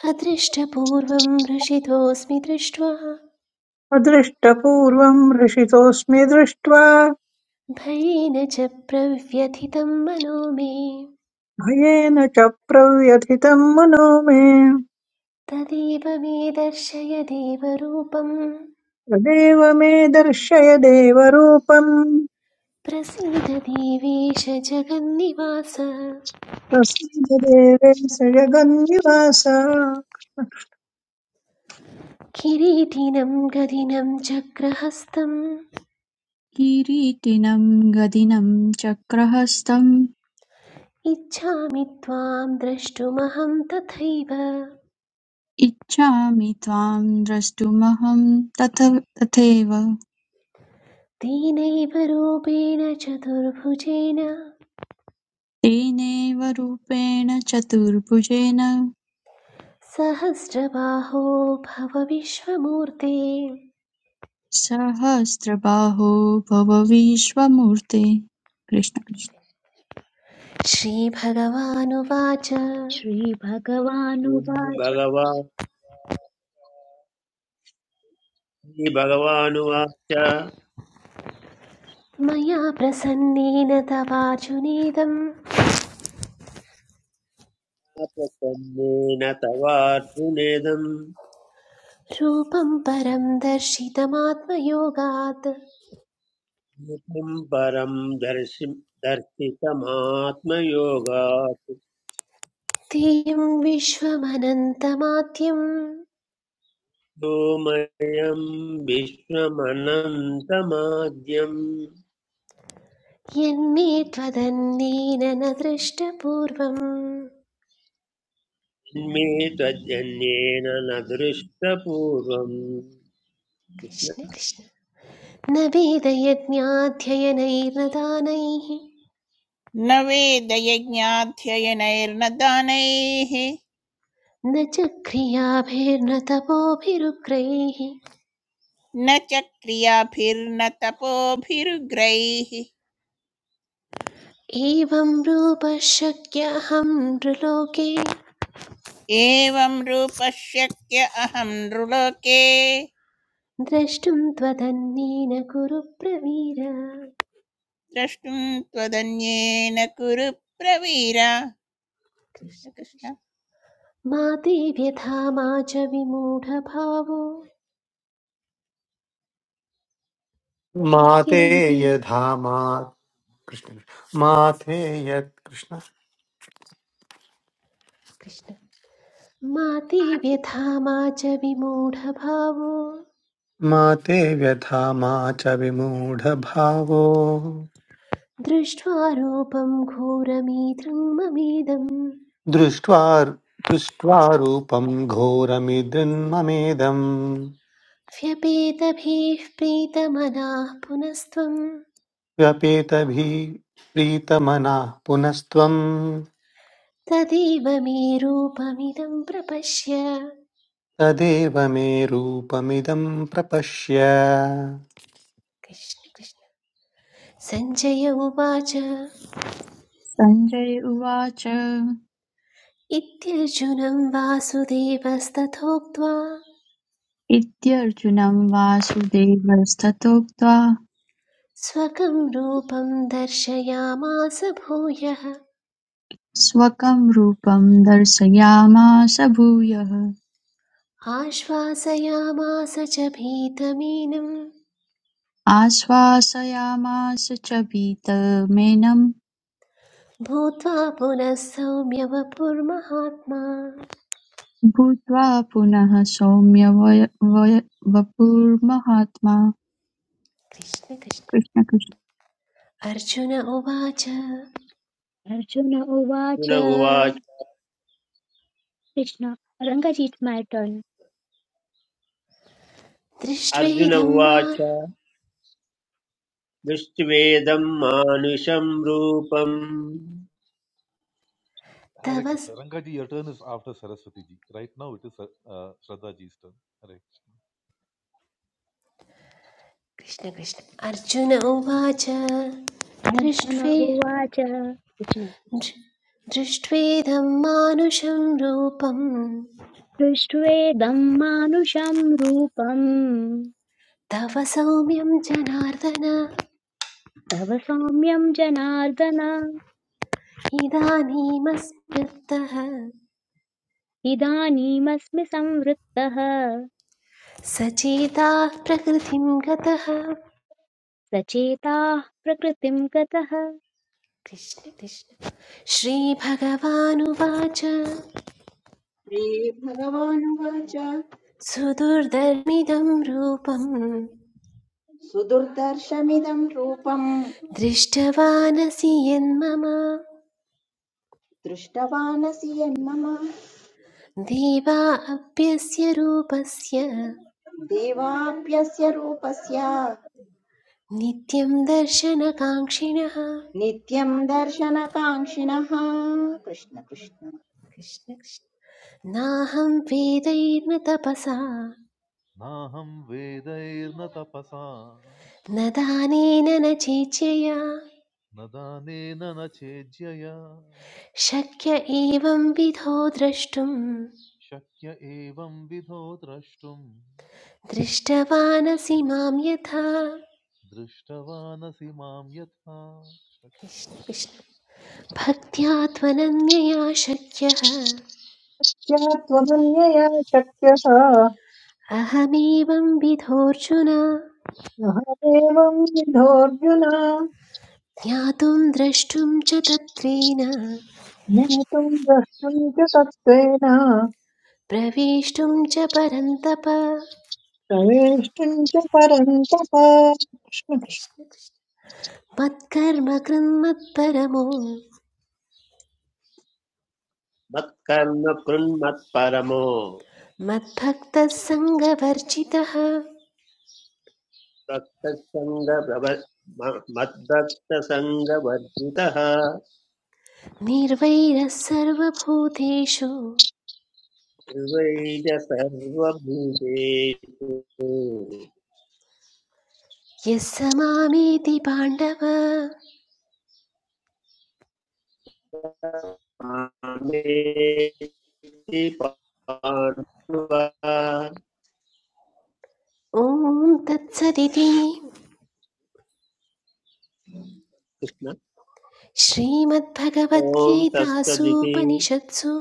अदृष्टपूर्वं वृषितोऽस्मि दृष्ट्वा अदृष्टपूर्वं हृषितोऽस्मि दृष्ट्वा भयेन च प्रव्यथितं मनो मे भयेन च प्रव्यथितं मनो मे तदेव मे दर्शय देवरूपम् तदेव मे दर्शय देवरूपम् प्रसीद देवेश जगन्निवास प्रसीद देवेश जगन्निवास या किरीटिनं गदिनं चक्रहस्तम् किरीटिनं गदिनं चक्रहस्तम् इच्छामि त्वां द्रष्टुमहं तथैव इच्छामि त्वां द्रष्टुमहं तथ तथैव दीनैव रूपेण चतुर्भुजेन तेनैव रूपेण चतुर्भुजेन सहस्रबाहो भव विश्वमूर्ते सहस्रबाहो भव विश्वमूर्ते कृष्ण कृष्ण। श्रीभगवानुवाच श्रीभगवानुवाच भगवान् श्रीभगवानुवाच मया प्रसन्नेन तवार्जुनेदं तन्नेन तवार्जुनेदम् रूपं परं दर्शितमात्मयोगात् एकं परं दर्शि दर्शितमात्मयोगात् तेयं विश्वमनन्तमाद्यं व्योमयम् विश्वमनन्तमाद्यम् यन्मे त्वदन्येन न दृष्टपूर्वम् मे त्वजन्येन न दृष्टपूर्वम् अर्जुन कृष्ण कृष्ण न वेदयज्ञाध्ययनैर्नदानैः न वेदयज्ञाध्ययनैर्न दानैः न च क्रियाभिर्न तपोभिरुग्रैः न च क्रियाभिर्न तपोभिरुग्रैः एवं रूपः शक्यहं नृलोके एवं रूपशक्य अहं नृलोके द्रष्टुं त्वदन्येन कुरु प्रवीर द्रष्टुं त्वदन्येन कुरु प्रवीरा कृष्ण कृष्ण कृष्ण कृष्ण मा ते व्यथा मा च विमूढभावो माते किरञ्जी यथा कृष्ण माते यत् कृष्ण कृष्ण मा ते व्यथा मा च विमूढभावो माते व्यथा मा च विमूढभावो दृष्ट्वा रूपं घोरमीदृङ्ममीदम् दृष्ट्वा दृष्ट्वा रूपम् घोरमिदृन्ममेदम् व्यपेतभिः प्रीतमनाः पुनस्त्वं व्यपेतभिः प्रीतमनाः पुनस्त्वं तदेव मे रूपमिदं प्रपश्य तदेव मे रूपमिदं प्रपश्य कृष्ण कृष्ण सञ्जय उवाच सञ्जय उवाच इत्यर्जुनं वासुदेवस्तथोक्त्वा इत्यर्जुनं वासुदेवस्ततोक्त्वा स्वकं रूपं दर्शयामास भूयः स्वकं रूपं दर्शयामास भूयः आश्वासयामास च भीतमीनं आश्वासयामास च वीतमेनं भूत्वा पुनः सौम्यवपुर्महात्मा भूत्वा पुनः सौम्य वय वय- वपुर्महात्मा कृष्ण कृष्ण कृष्ण कृष्ण अर्जुन उवाच अर्जुन उवाच उवाच कृष्ण रङ्गजीत् मैटन् अर्जुन दृष्ट्वेदं मा उवाच दृष्ट्वेदम् मानुषम् रूपम् Hare तव स्- Krishna. Rangaji, your turn is after Saraswati ji. Right now it is uh, uh, Shraddha ji's turn. Hare Krishna. Krishna Krishna Arjuna उवाच अर्जुन दृष्ट्वे उवाच कृष्ण दृ- दृष्ट्वेदं मानुषं रूपं दृष्ट्वेदं मानुषं रूपं तव सौम्यं जनार्दन तव सौम्यं जनार्दन इदानीमस्मृतः इदानीमस्मि संवृत्तः सचेताः प्रकृतिं गतः सचेताः प्रकृतिं गतः कृष्ण कृष्ण श्रीभगवानुवाच श्रीभगवानुवाच सुदुर्दर्मिदं रूपं सुदुर्दर्शमिदम् रूपम् दृष्टवानसि यन्मम दृष्टवानसि यन्मम देवा अप्यस्य रूपस्य देवाप्यस्य रूपस्य नित्यं दर्शनकाङ्क्षिणः नित्यम् दर्शनकाङ्क्षिणः कृष्ण कृष्ण कृष्ण कृष्ण। नाहं वेदैर्न तपसा Naham vedairna tapasa न दानेन न चेच्यया nadanena na chejyaya शक्य एवं विधो द्रष्टुं shakya evam vidho drashtum दृष्टवानसि मां यथा दृष्टवानसि मां यथा कृष्ण। भक्त्या त्वनन्यया शक्यः त्वमन्यया शक्यः सः अहमेवं विधोऽर्जुन एवं विधोऽर्जुन ज्ञातुं द्रष्टुं च तत्त्वेन ज्ञातुं द्रष्टुं च सत्त्वेन प्रवेष्टुं च परन्तप प्रवेष्टुं च परन्तप कृष्ण कृष्ण। मत्कर्म कृन्मत्परमो मत्कर्म कृन्मत्परमो मद्भक्तः सङ्गवर्जितः भक्तसङ्गप्रभ मद्भक्तसङ्गवर्जितः निर्वैरः सर्वभूतेषु निर्वैज सर्वभूतेषु यः स मामेति पाण्डव मामेति पाण्डव कृष्ण ॐ तत्सदिति ॐ तत्सदिति श्रीमद्भगवद्गीतासूपनिषत्सु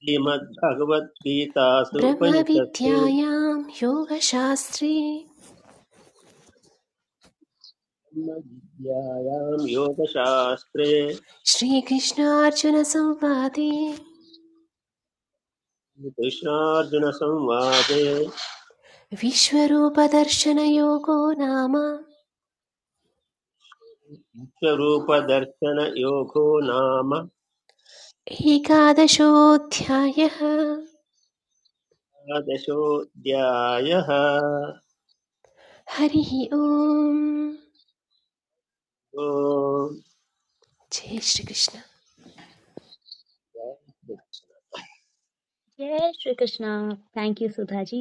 श्रीमद्भगवद्गीतासु उपनिषत्सु ब्रह्मविद्यायां योगशास्त्रे ब्रह्मविद्यायां योगशास्त्रे श्रीकृष्णार्जुनसंवादे कृष्णार्जुनसंवादे विश्वरूपदर्शनयोगो नाम स्वरूपदर्शनयोगो नाम एकादशोऽध्यायः द्वादशोऽध्यायः हरिः ओम् ॐ जय श्रीकृष्ण जय श्री कृष्णा थैंक यू सुधा जी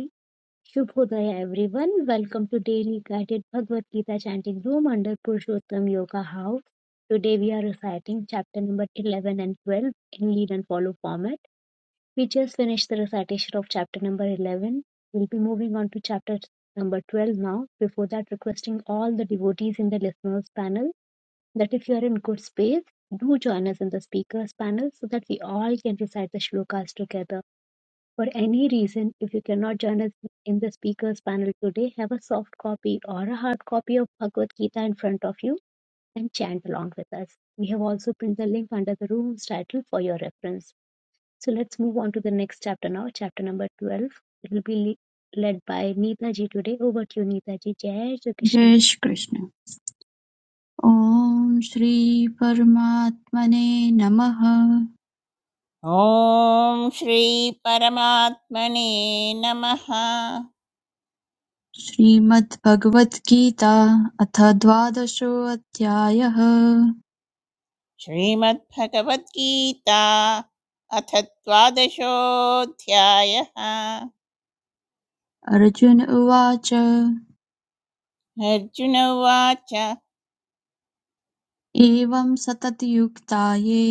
शुभोदय everyone welcome to daily guided Bhagavad Gita chanting room under Purushottam Yoga house today we are reciting chapter number 11 and 12 in lead and follow format We just finished the recitation of chapter number 11. We'll be moving on to chapter number 12 now. Before that, requesting all the devotees in the listeners panel that if you are in good space, do join us in the speakers panel so that we all can recite the shlokas together. For any reason, if you cannot join us in the speakers panel today, have a soft copy or a hard copy of Bhagavad Gita in front of you and chant along with us. We have also pinned the link under the room's title for your reference. So let's move on to the next chapter now, chapter number 12. It will be le- led by Neeta ji today. Over to you, Neeta ji. Jai Shri Krishna. जय श्री कृष्ण ॐ श्रीपरमात्मने नमः ॐ श्रीपरमात्मने नमः श्रीमद्भगवद्गीता अथ द्वादशोऽध्यायः श्रीमद्भगवद्गीता अथ द्वादशोऽध्यायः अर्जुन उवाच अर्जुन उवाच एवं सततयुक्ता ये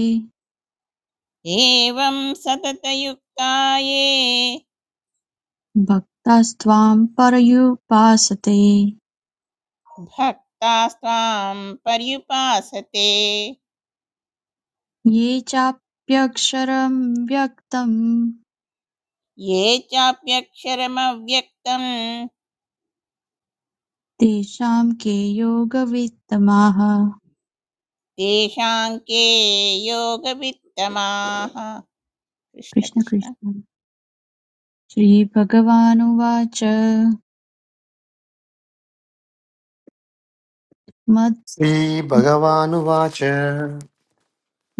एवं सततयुक्ता ये भक्तास्त्वां पर्युपासते भक्तास्त्वां पर्युपासते ये चाप्यक्षरं व्यक्तं ये चाप्यक्षरमव्यक्तं तेषां के योगवित्तमाः तेषां के योगवित्तमाः कृष्ण कृष्ण कृष्ण कृष्ण श्रीभगवानुवाच मत् श्रीभगवानुवाच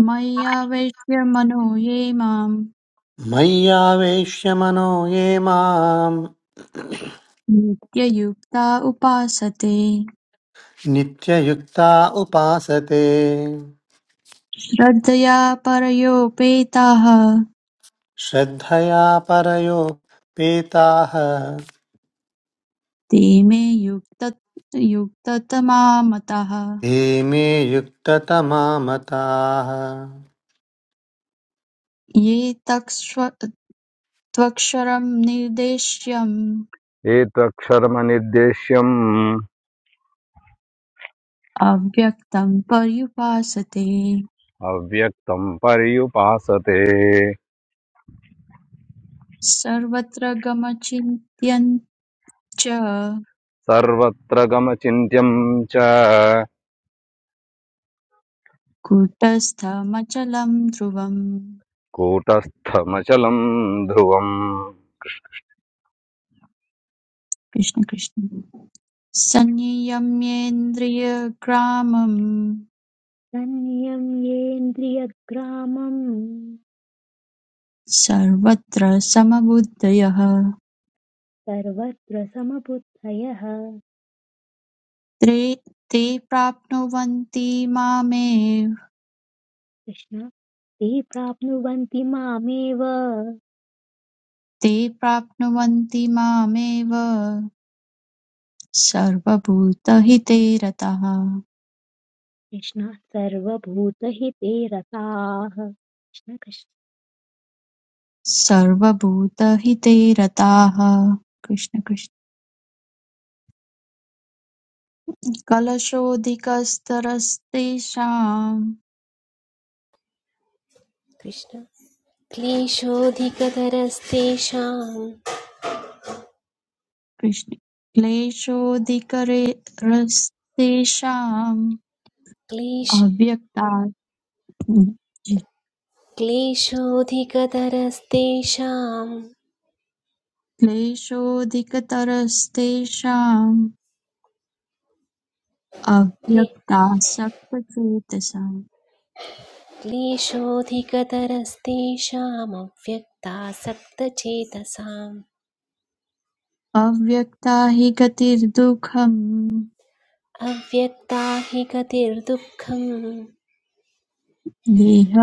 मय्यावेश्य मनो ये माम् मय्यावेश्य मनो ये माम् नित्ययुक्ता उपासते नित्ययुक्ता उपासते श्रद्धया परयोपेताः श्रद्धया परयोपेताः ते मे युक्त युक्ततमा मताः ते मे युक्ततमा मताः ये तक्ष्व त्वक्षरं निर्देश्यम् एतक्षरमनिर्देश्यम् अव्यक्तं पर्युपासते अव्यक्तं पर्युपासते सर्वत्र गमचिन्त्यं च सर्वत्र गमचिन्त्यं च कूटस्थमचलं ध्रुवम् कूटस्थमचलं ध्रुवम् कृष्ण कृष्ण संयम्येन्द्रियग्रामं तन्नियं येन्द्रियग्रामं सर्वत्र समबुद्धयः सर्वत्र समबुद्धयः ते ते प्राप्नुवन्ति मामेव कृष्ण ते प्राप्नुवन्ति मामेव कृष्ण ते प्राप्नुवन्ति मामेव सर्वभूतहिते रताः सर्वभूतहिते रताः कृष्ण कृष्ण सर्वभूतहिते रताः कृष्ण कृष्ण कलशोऽधिकस्तरस्तेषां कृष्ण क्लेशोऽधिकतरस्तेषाम् कृष्ण क्लेशोऽधिकरे क्लेश क्लेशोऽधिकतरस्तेषां अव्यक्ताक्लेशोऽधिकतरस्तेषाम् क्ले अव्यक्तासक्तचेतसाम् क्लेशोऽधिकतरस्तेषामव्यक्तासक्तचेतसाम् अव्यक्ता हि गतिर्दुःखम् अव्यक्ता हि गतिर्दुःखम् देह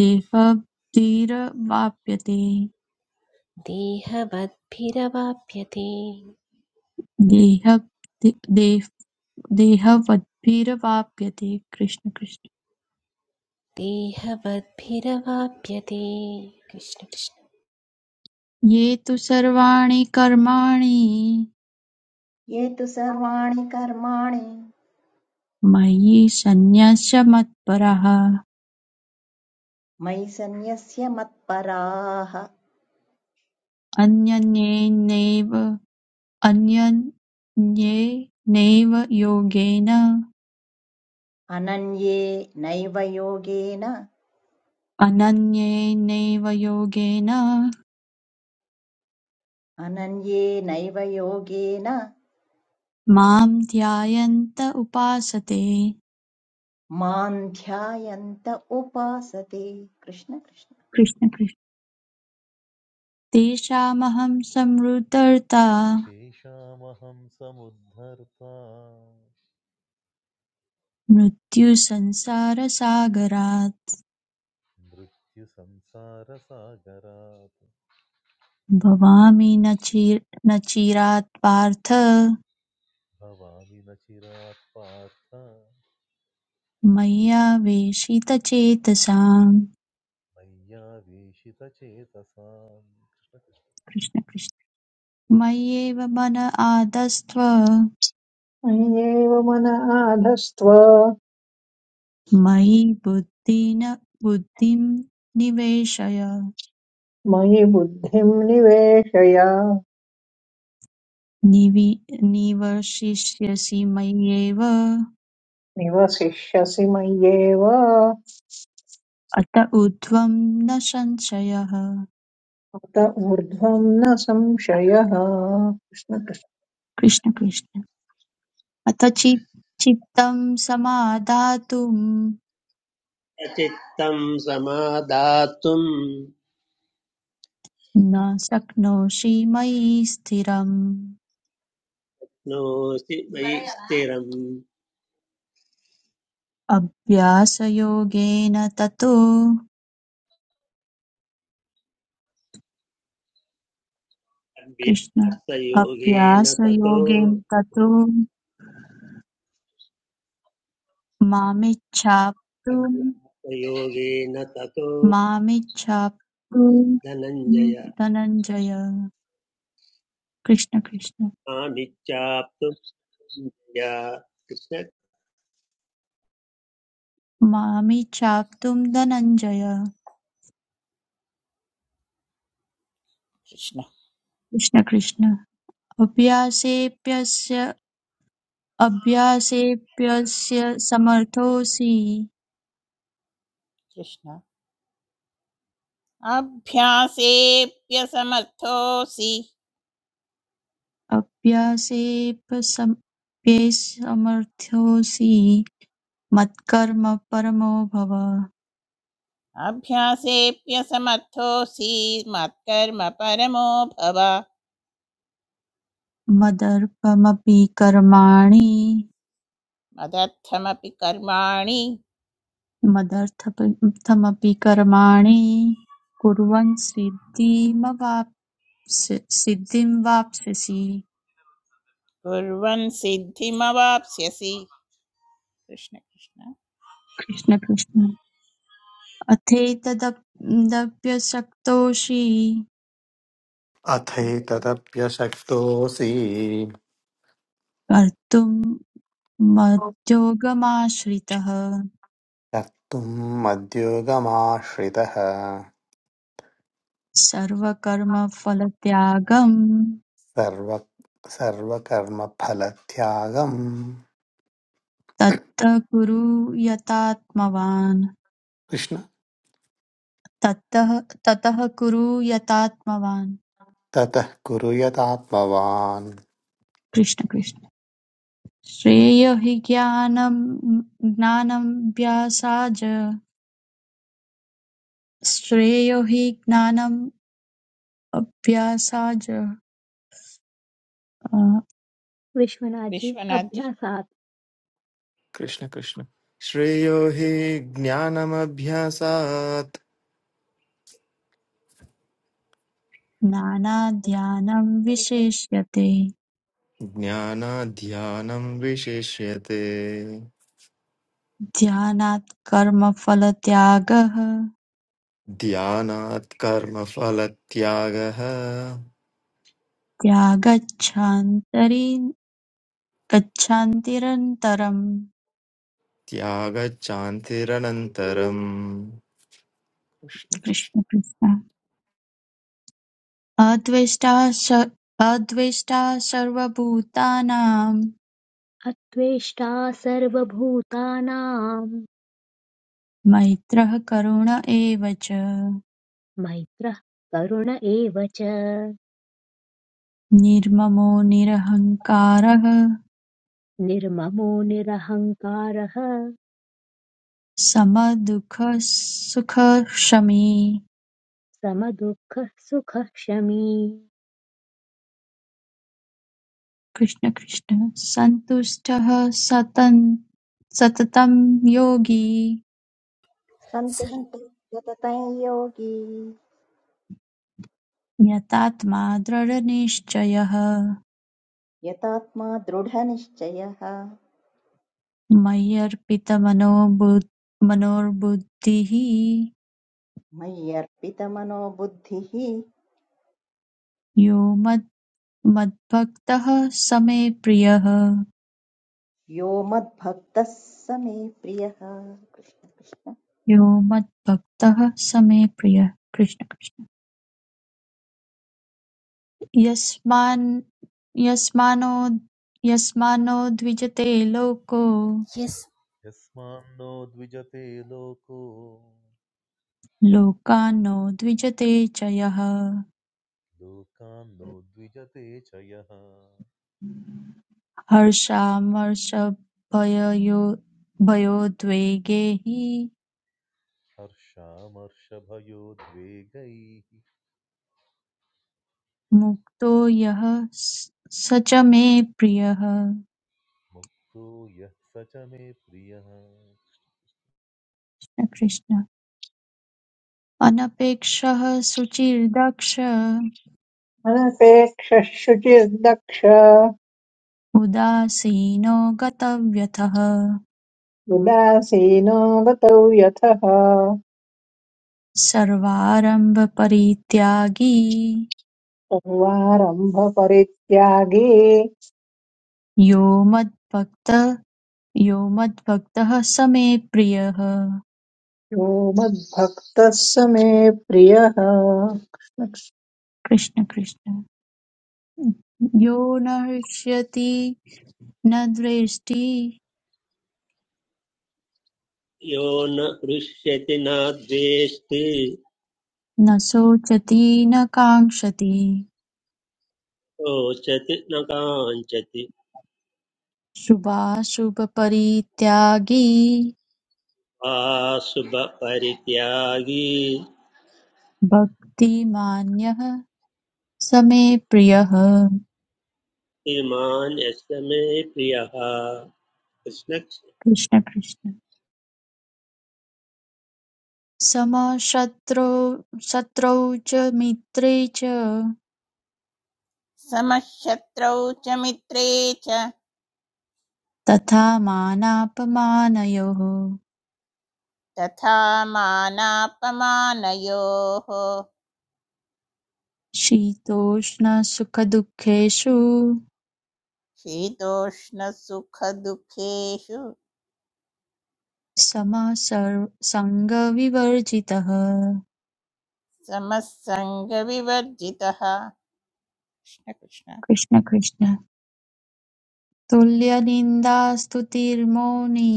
देहभिरवाप्यते देहवद्भिरवाप्यते देह देह- देहवद्भिरवाप्यते कृष्ण कृष्ण देहवद्भिरवाप्यते कृष्ण कृष्ण ये तु सर्वाणि कर्माणि ये तु सर्वाणि कर्माणि मयि सन्न्यस्य मत्परः मयि सन्न्यस्य मत्पराः अन्यन्येनैव अनन्येनैव योगेन अनन्ये नैव योगेन अनन्येनैव योगेन अनन्ये नैव योगेन मां ध्यायन्त उपासते मां ध्यायन्त उपासते कृष्ण कृष्ण कृष्ण कृष्ण तेषामहं संवृतर्ता तेषामहं समुद्धर्ता मृत्युसंसारसागरात् मृत्युसंसारसागरात् भवामि न चि- न चिरात् पार्थ भवामि न चिरात् पार्थ मय्यावेशितचेतसाम् मय्यावेशितचेतसाम् कृष्ण कृष्ण मय्येव मन आदस्त्व मय्येव मन आधस्त्व मयि बुद्धिन बुद्धिं निवेशय मयि बुद्धिं निवेशय निवि निवर्षिष्यसि मय्येव निवसिष्यसि मय्येव अत अत ऊर्ध्वं न संशयः ऊर्ध्वं न संशयः कृष्ण कृष्ण। कृष्ण कृष्ण अथ चि- चित्तं समादातुं चित्तं समादातुं न शक्नोषि मयि स्थिरम् नोऽसि मयि स्थिरम् अभ्यासयोगेन ततो कृष्ण अभ्यासयोगेन ततो अभ्यासयोगेन ततो मामिच्छाप्तुं अज्ञातयोगेन ततो मामिच्छाप्तु धनञ्जय धनञ्जय कृष्ण कृष्ण मामिच्छाप्तुं या कृष्ण मामिच्छाप्तुं धनञ्जय कृष्ण कृष्ण कृष्ण अभ्यासेऽप्यस्य अभ्यासेऽप्यस्य समर्थोऽसि कृष्ण अभ्यासेऽप्यसमर्थोऽसि अभ्यासेऽप्यसमर्थोऽसि मत्कर्म परमो भव अभ्यासेऽप्यसमर्थोऽसि मत्कर्म परमो भव मदर्पमपि कर्माणि मदर्थमपि कर्माणि मदर्थमपि कर्माणि कुर्वन् सिद्धिमवाप्स्य सिद्धिं वाप्स्यसि कुर्वन् सिद्धिमवाप्स्यसि कृष्ण कृष्ण कृष्ण कृष्ण अथैतदप्यशक्तोषि अथैतदप्यशक्तोऽसि कर्तुं मद्योगमाश्रितः कर्तुम् मद्योगमाश्रितः सर्वकर्मफलत्यागं सर्व सर्वकर्मफलत्यागम् ततः कुरु यतात्मवान् कृष्ण ततः ततः कुरु यतात्मवान् ततः कुरु यतात्मवान् कृष्ण कृष्ण श्रेयो हि ज्ञानम् ज्ञानाभ्यासाच्च श्रेयो हि ज्ञानाभ्यासाच्च अ, विश्वनाथ जी विश्वनाथ जी। अभ्यासात् कृष्ण कृष्ण श्रेयो हि ज्ञानमभ्यासात् ज्ञानाध्यानं विशेष्यते ज्ञानाध्यानं विशिष्यते ध्यानात् कर्मफलत्यागः ध्यानात् कर्मफलत्यागः त्यागच्छान्तरि गच्छान्तिरन्तरम् त्यागच्चान्तिरनन्तरम् कृष्ण कृष्ण कृष्ण कृष्ण अद्वेष्टा स- अद्वेष्टा सर्वभूतानां अत्वेष्टा सर्वभूतानां मैत्रः करुण एव च मैत्रः करुण एव च निर्ममो निरहङ्कारः निर्ममो निरहङ्कारः समदुःखसुखक्षमी समदुःखः सुखः शमी कृष्ण कृष्ण सन्तुष्टः सतन् सततं योगी सन् सन्तुष्ट यततं योगी यतात्मा दृढनिश्चयः यतात्मा दृढनिश्चयः मय्यर्पितमनो बुद्- मनोर्बुद्धिः मय्यर्पितमनोबुद्धिः यो मत् मद्भक्तः स मे प्रियः यो मद्भक्तः स मे प्रियः कृष्ण कृष्ण यो मद्भक्तः स मे प्रियः कृष्ण कृष्ण यस्मान्नो द्विजते लोको यस यस्मान्नो द्विजते लोको लोकान्नो द्विजते च यः लोकान्नो द्विजते च यः हर्षामर्षभयोद्वेगैः हर्षामर्षभयोद्वेगैः मुक्तो यः स स च मे प्रियः मुक्तो यः स च मे प्रियः कृष्ण कृष्ण। अनपेक्षः शुचिर्दक्ष अनपेक्षः शुचिर्दक्ष उदासीनो गतव्यथः उदासीनो गतौ यथः सर्वारम्भपरित्यागी सर्वारम्भ परित्यागी यो मद्भक्तः यो मद्भक्तः स मे प्रियः यो मद्भक्तः स मे प्रियः कृष्ण कृष्ण। कृष्ण कृष्ण यो न हृष्यति न द्वेष्टि यो न हृष्यति न द्वेष्टि न शोचति न काङ्क्षति रोचति न काञ्चति शुभाशुभपरित्यागी वा भक्तिमान्यः स मे प्रियः इमान् यस्य मे प्रियः कृष्ण कृष्ण कृष्ण समशत्रौ शत्रौ च मित्रे च समशत्रौ च मित्रे च तथा मानापमानयोः तथा मानापमानयोः शीतोष्णसुखदुःखेषु शीतोष्णसुखदुःखेषु समः सर्व- सङ्गविवर्जितः समस्संग विवर्जितः कृष्ण कृष्ण कृष्ण कृष्ण तुल्यनिन्दास्तुतिर्मौनी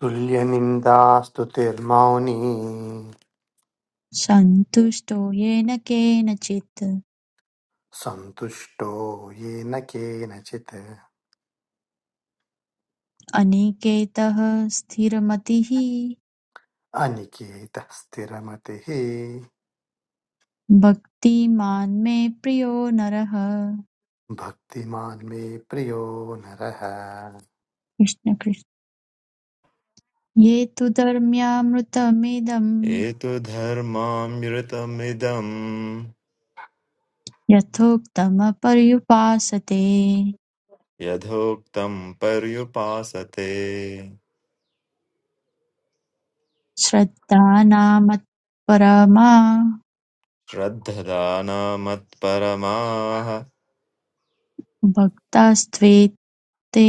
तुल्यनिन्दास्तुतिर्मौनी सन्तुष्टो येन केनचित् सन्तुष्टो येन केनचित् अनिकेतः स्थिरमतिः अनिकेतः स्थिरमतिः भक्तिमान् मे प्रियो नरः भक्तिमान् मे प्रियो नरः कृष्ण कृष्ण ये तु धर्म्यामृतमिदं हेतुधर्मामृतमिदम् यथोक्तमपर्युपासते यथोक्तम् पर्युपासते श्रद्धानामत्परमा श्रद्धदानमत्परमाः भक्तास्त्वेऽतीव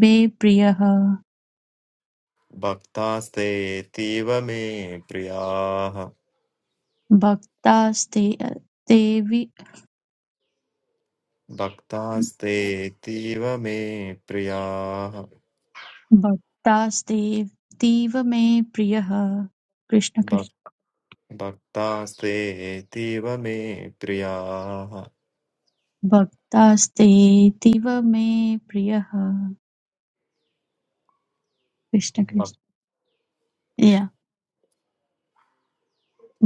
मे प्रियः भक्तास्तेतीव मे प्रियाः भक्तास्तेऽवि- भक्तास्तेतीव मे प्रियाः भक्तास्तेऽतीव मे प्रियः कृष्ण कृष्ण भक्- भक्तास्तेतीव मे प्रियाः भक्तास्तेऽतीव मे प्रियः कृष्ण कृष्ण भक्- या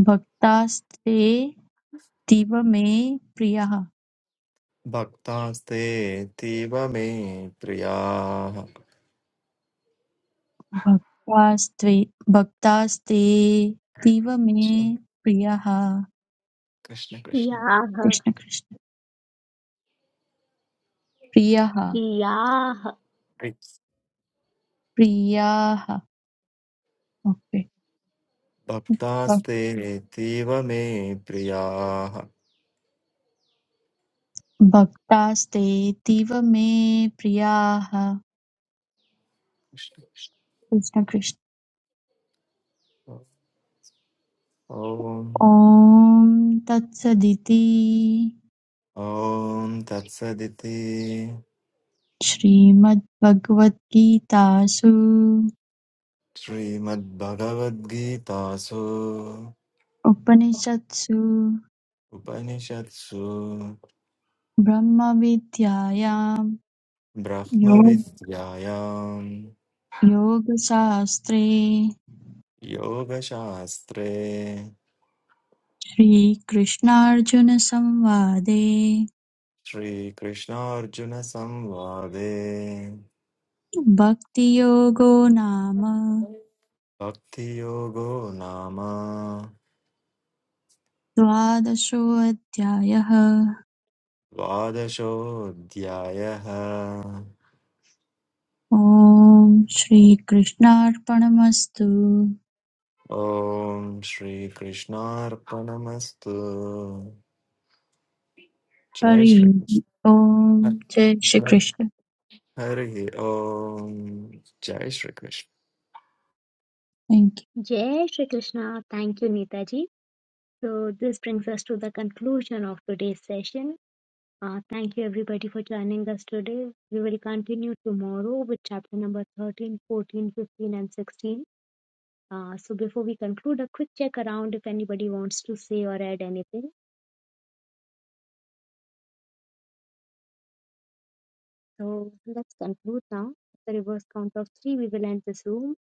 भक्तास्तेऽतीव मे प्रियः भक्तास्तेतीव मे प्रियाः भक्तास्त्वे भक्तास्तेऽतीव मे प्रियाः कृष्ण कृष्ण कियाः कृष्ण कृष्ण प्रियः कियाः प्रियाः ओके भक्- भक्तास्तेतीव मे प्रियाः भक्तास्तेऽतीव मे प्रियाः कृष्ण कृष्ण। कृष्ण कृष्ण ॐ ॐ तत्सदिति ॐ तत्सदिति श्रीमद्भगवद्गीतासु श्रीमद्भगवद्गीतासु उपनिषत्सु उपनिषत्सु ब्रह्मविद्यायां योग ब्रह्मविद्यायाम् योगशास्त्रे योगशास्त्रे श्रीकृष्णार्जुनसंवादे श्रीकृष्णार्जुनसंवादे भक्तियोगो नाम भक्तियोगो नाम द्वादशोऽध्यायः द्वादशोऽध्यायः ॐ श्रीकृष्णार्पणमस्तु ॐ श्रीकृष्णार्पणमस्तु जय हरि श्रीकृष्ण ॐ हर- जय श्रीकृष्ण हरिः ॐ जय श्रीकृष्ण थैंक यू जय Shri Krishna thank you Neeta ji so this brings us to the conclusion of today session thank you everybody for joining us today we will continue tomorrow with chapter number 13 14 15 and 16 Uh, so before we conclude, a quick check around if anybody wants to say or add anything. So let's conclude now. The reverse count of three. We will end this room.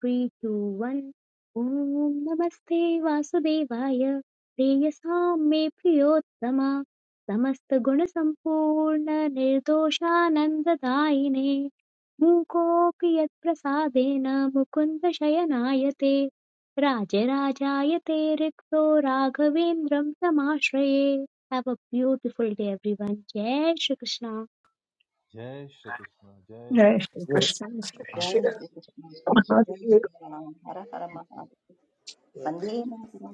Three, two, one. Om Namaste Vasudevaya. प्रेयसां मे प्रियोत्तम Prasadena, मूकोऽपि यत्प्रसादेन मुकुन्दशयनायते Rikto, रिक्तो Samashraye, Have a beautiful day, everyone. Everyone जय Krishna. जय श्रीकृष्ण जय श्री जय श्री कृष्ण जय श्री जय श्री कृष्ण कृष्ण। जय राम श्री राम हर हर महादेव वंदे मातरम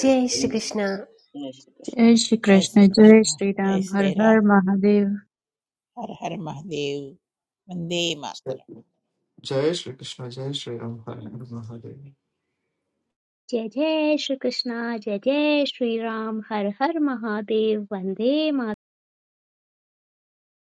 जय श्री कृष्ण जय श्री कृष्ण जय जय श्री श्रीकृष्ण जय कृष्ण जय श्रीराम हर श्री राम हर महादेव हर हर महादेव वंदे मातरम जय श्री कृष्ण जय श्री राम हरे हर महादेव जय जय श्री कृष्णा जय जय श्री राम हर हर महादेव वंदे मातरम।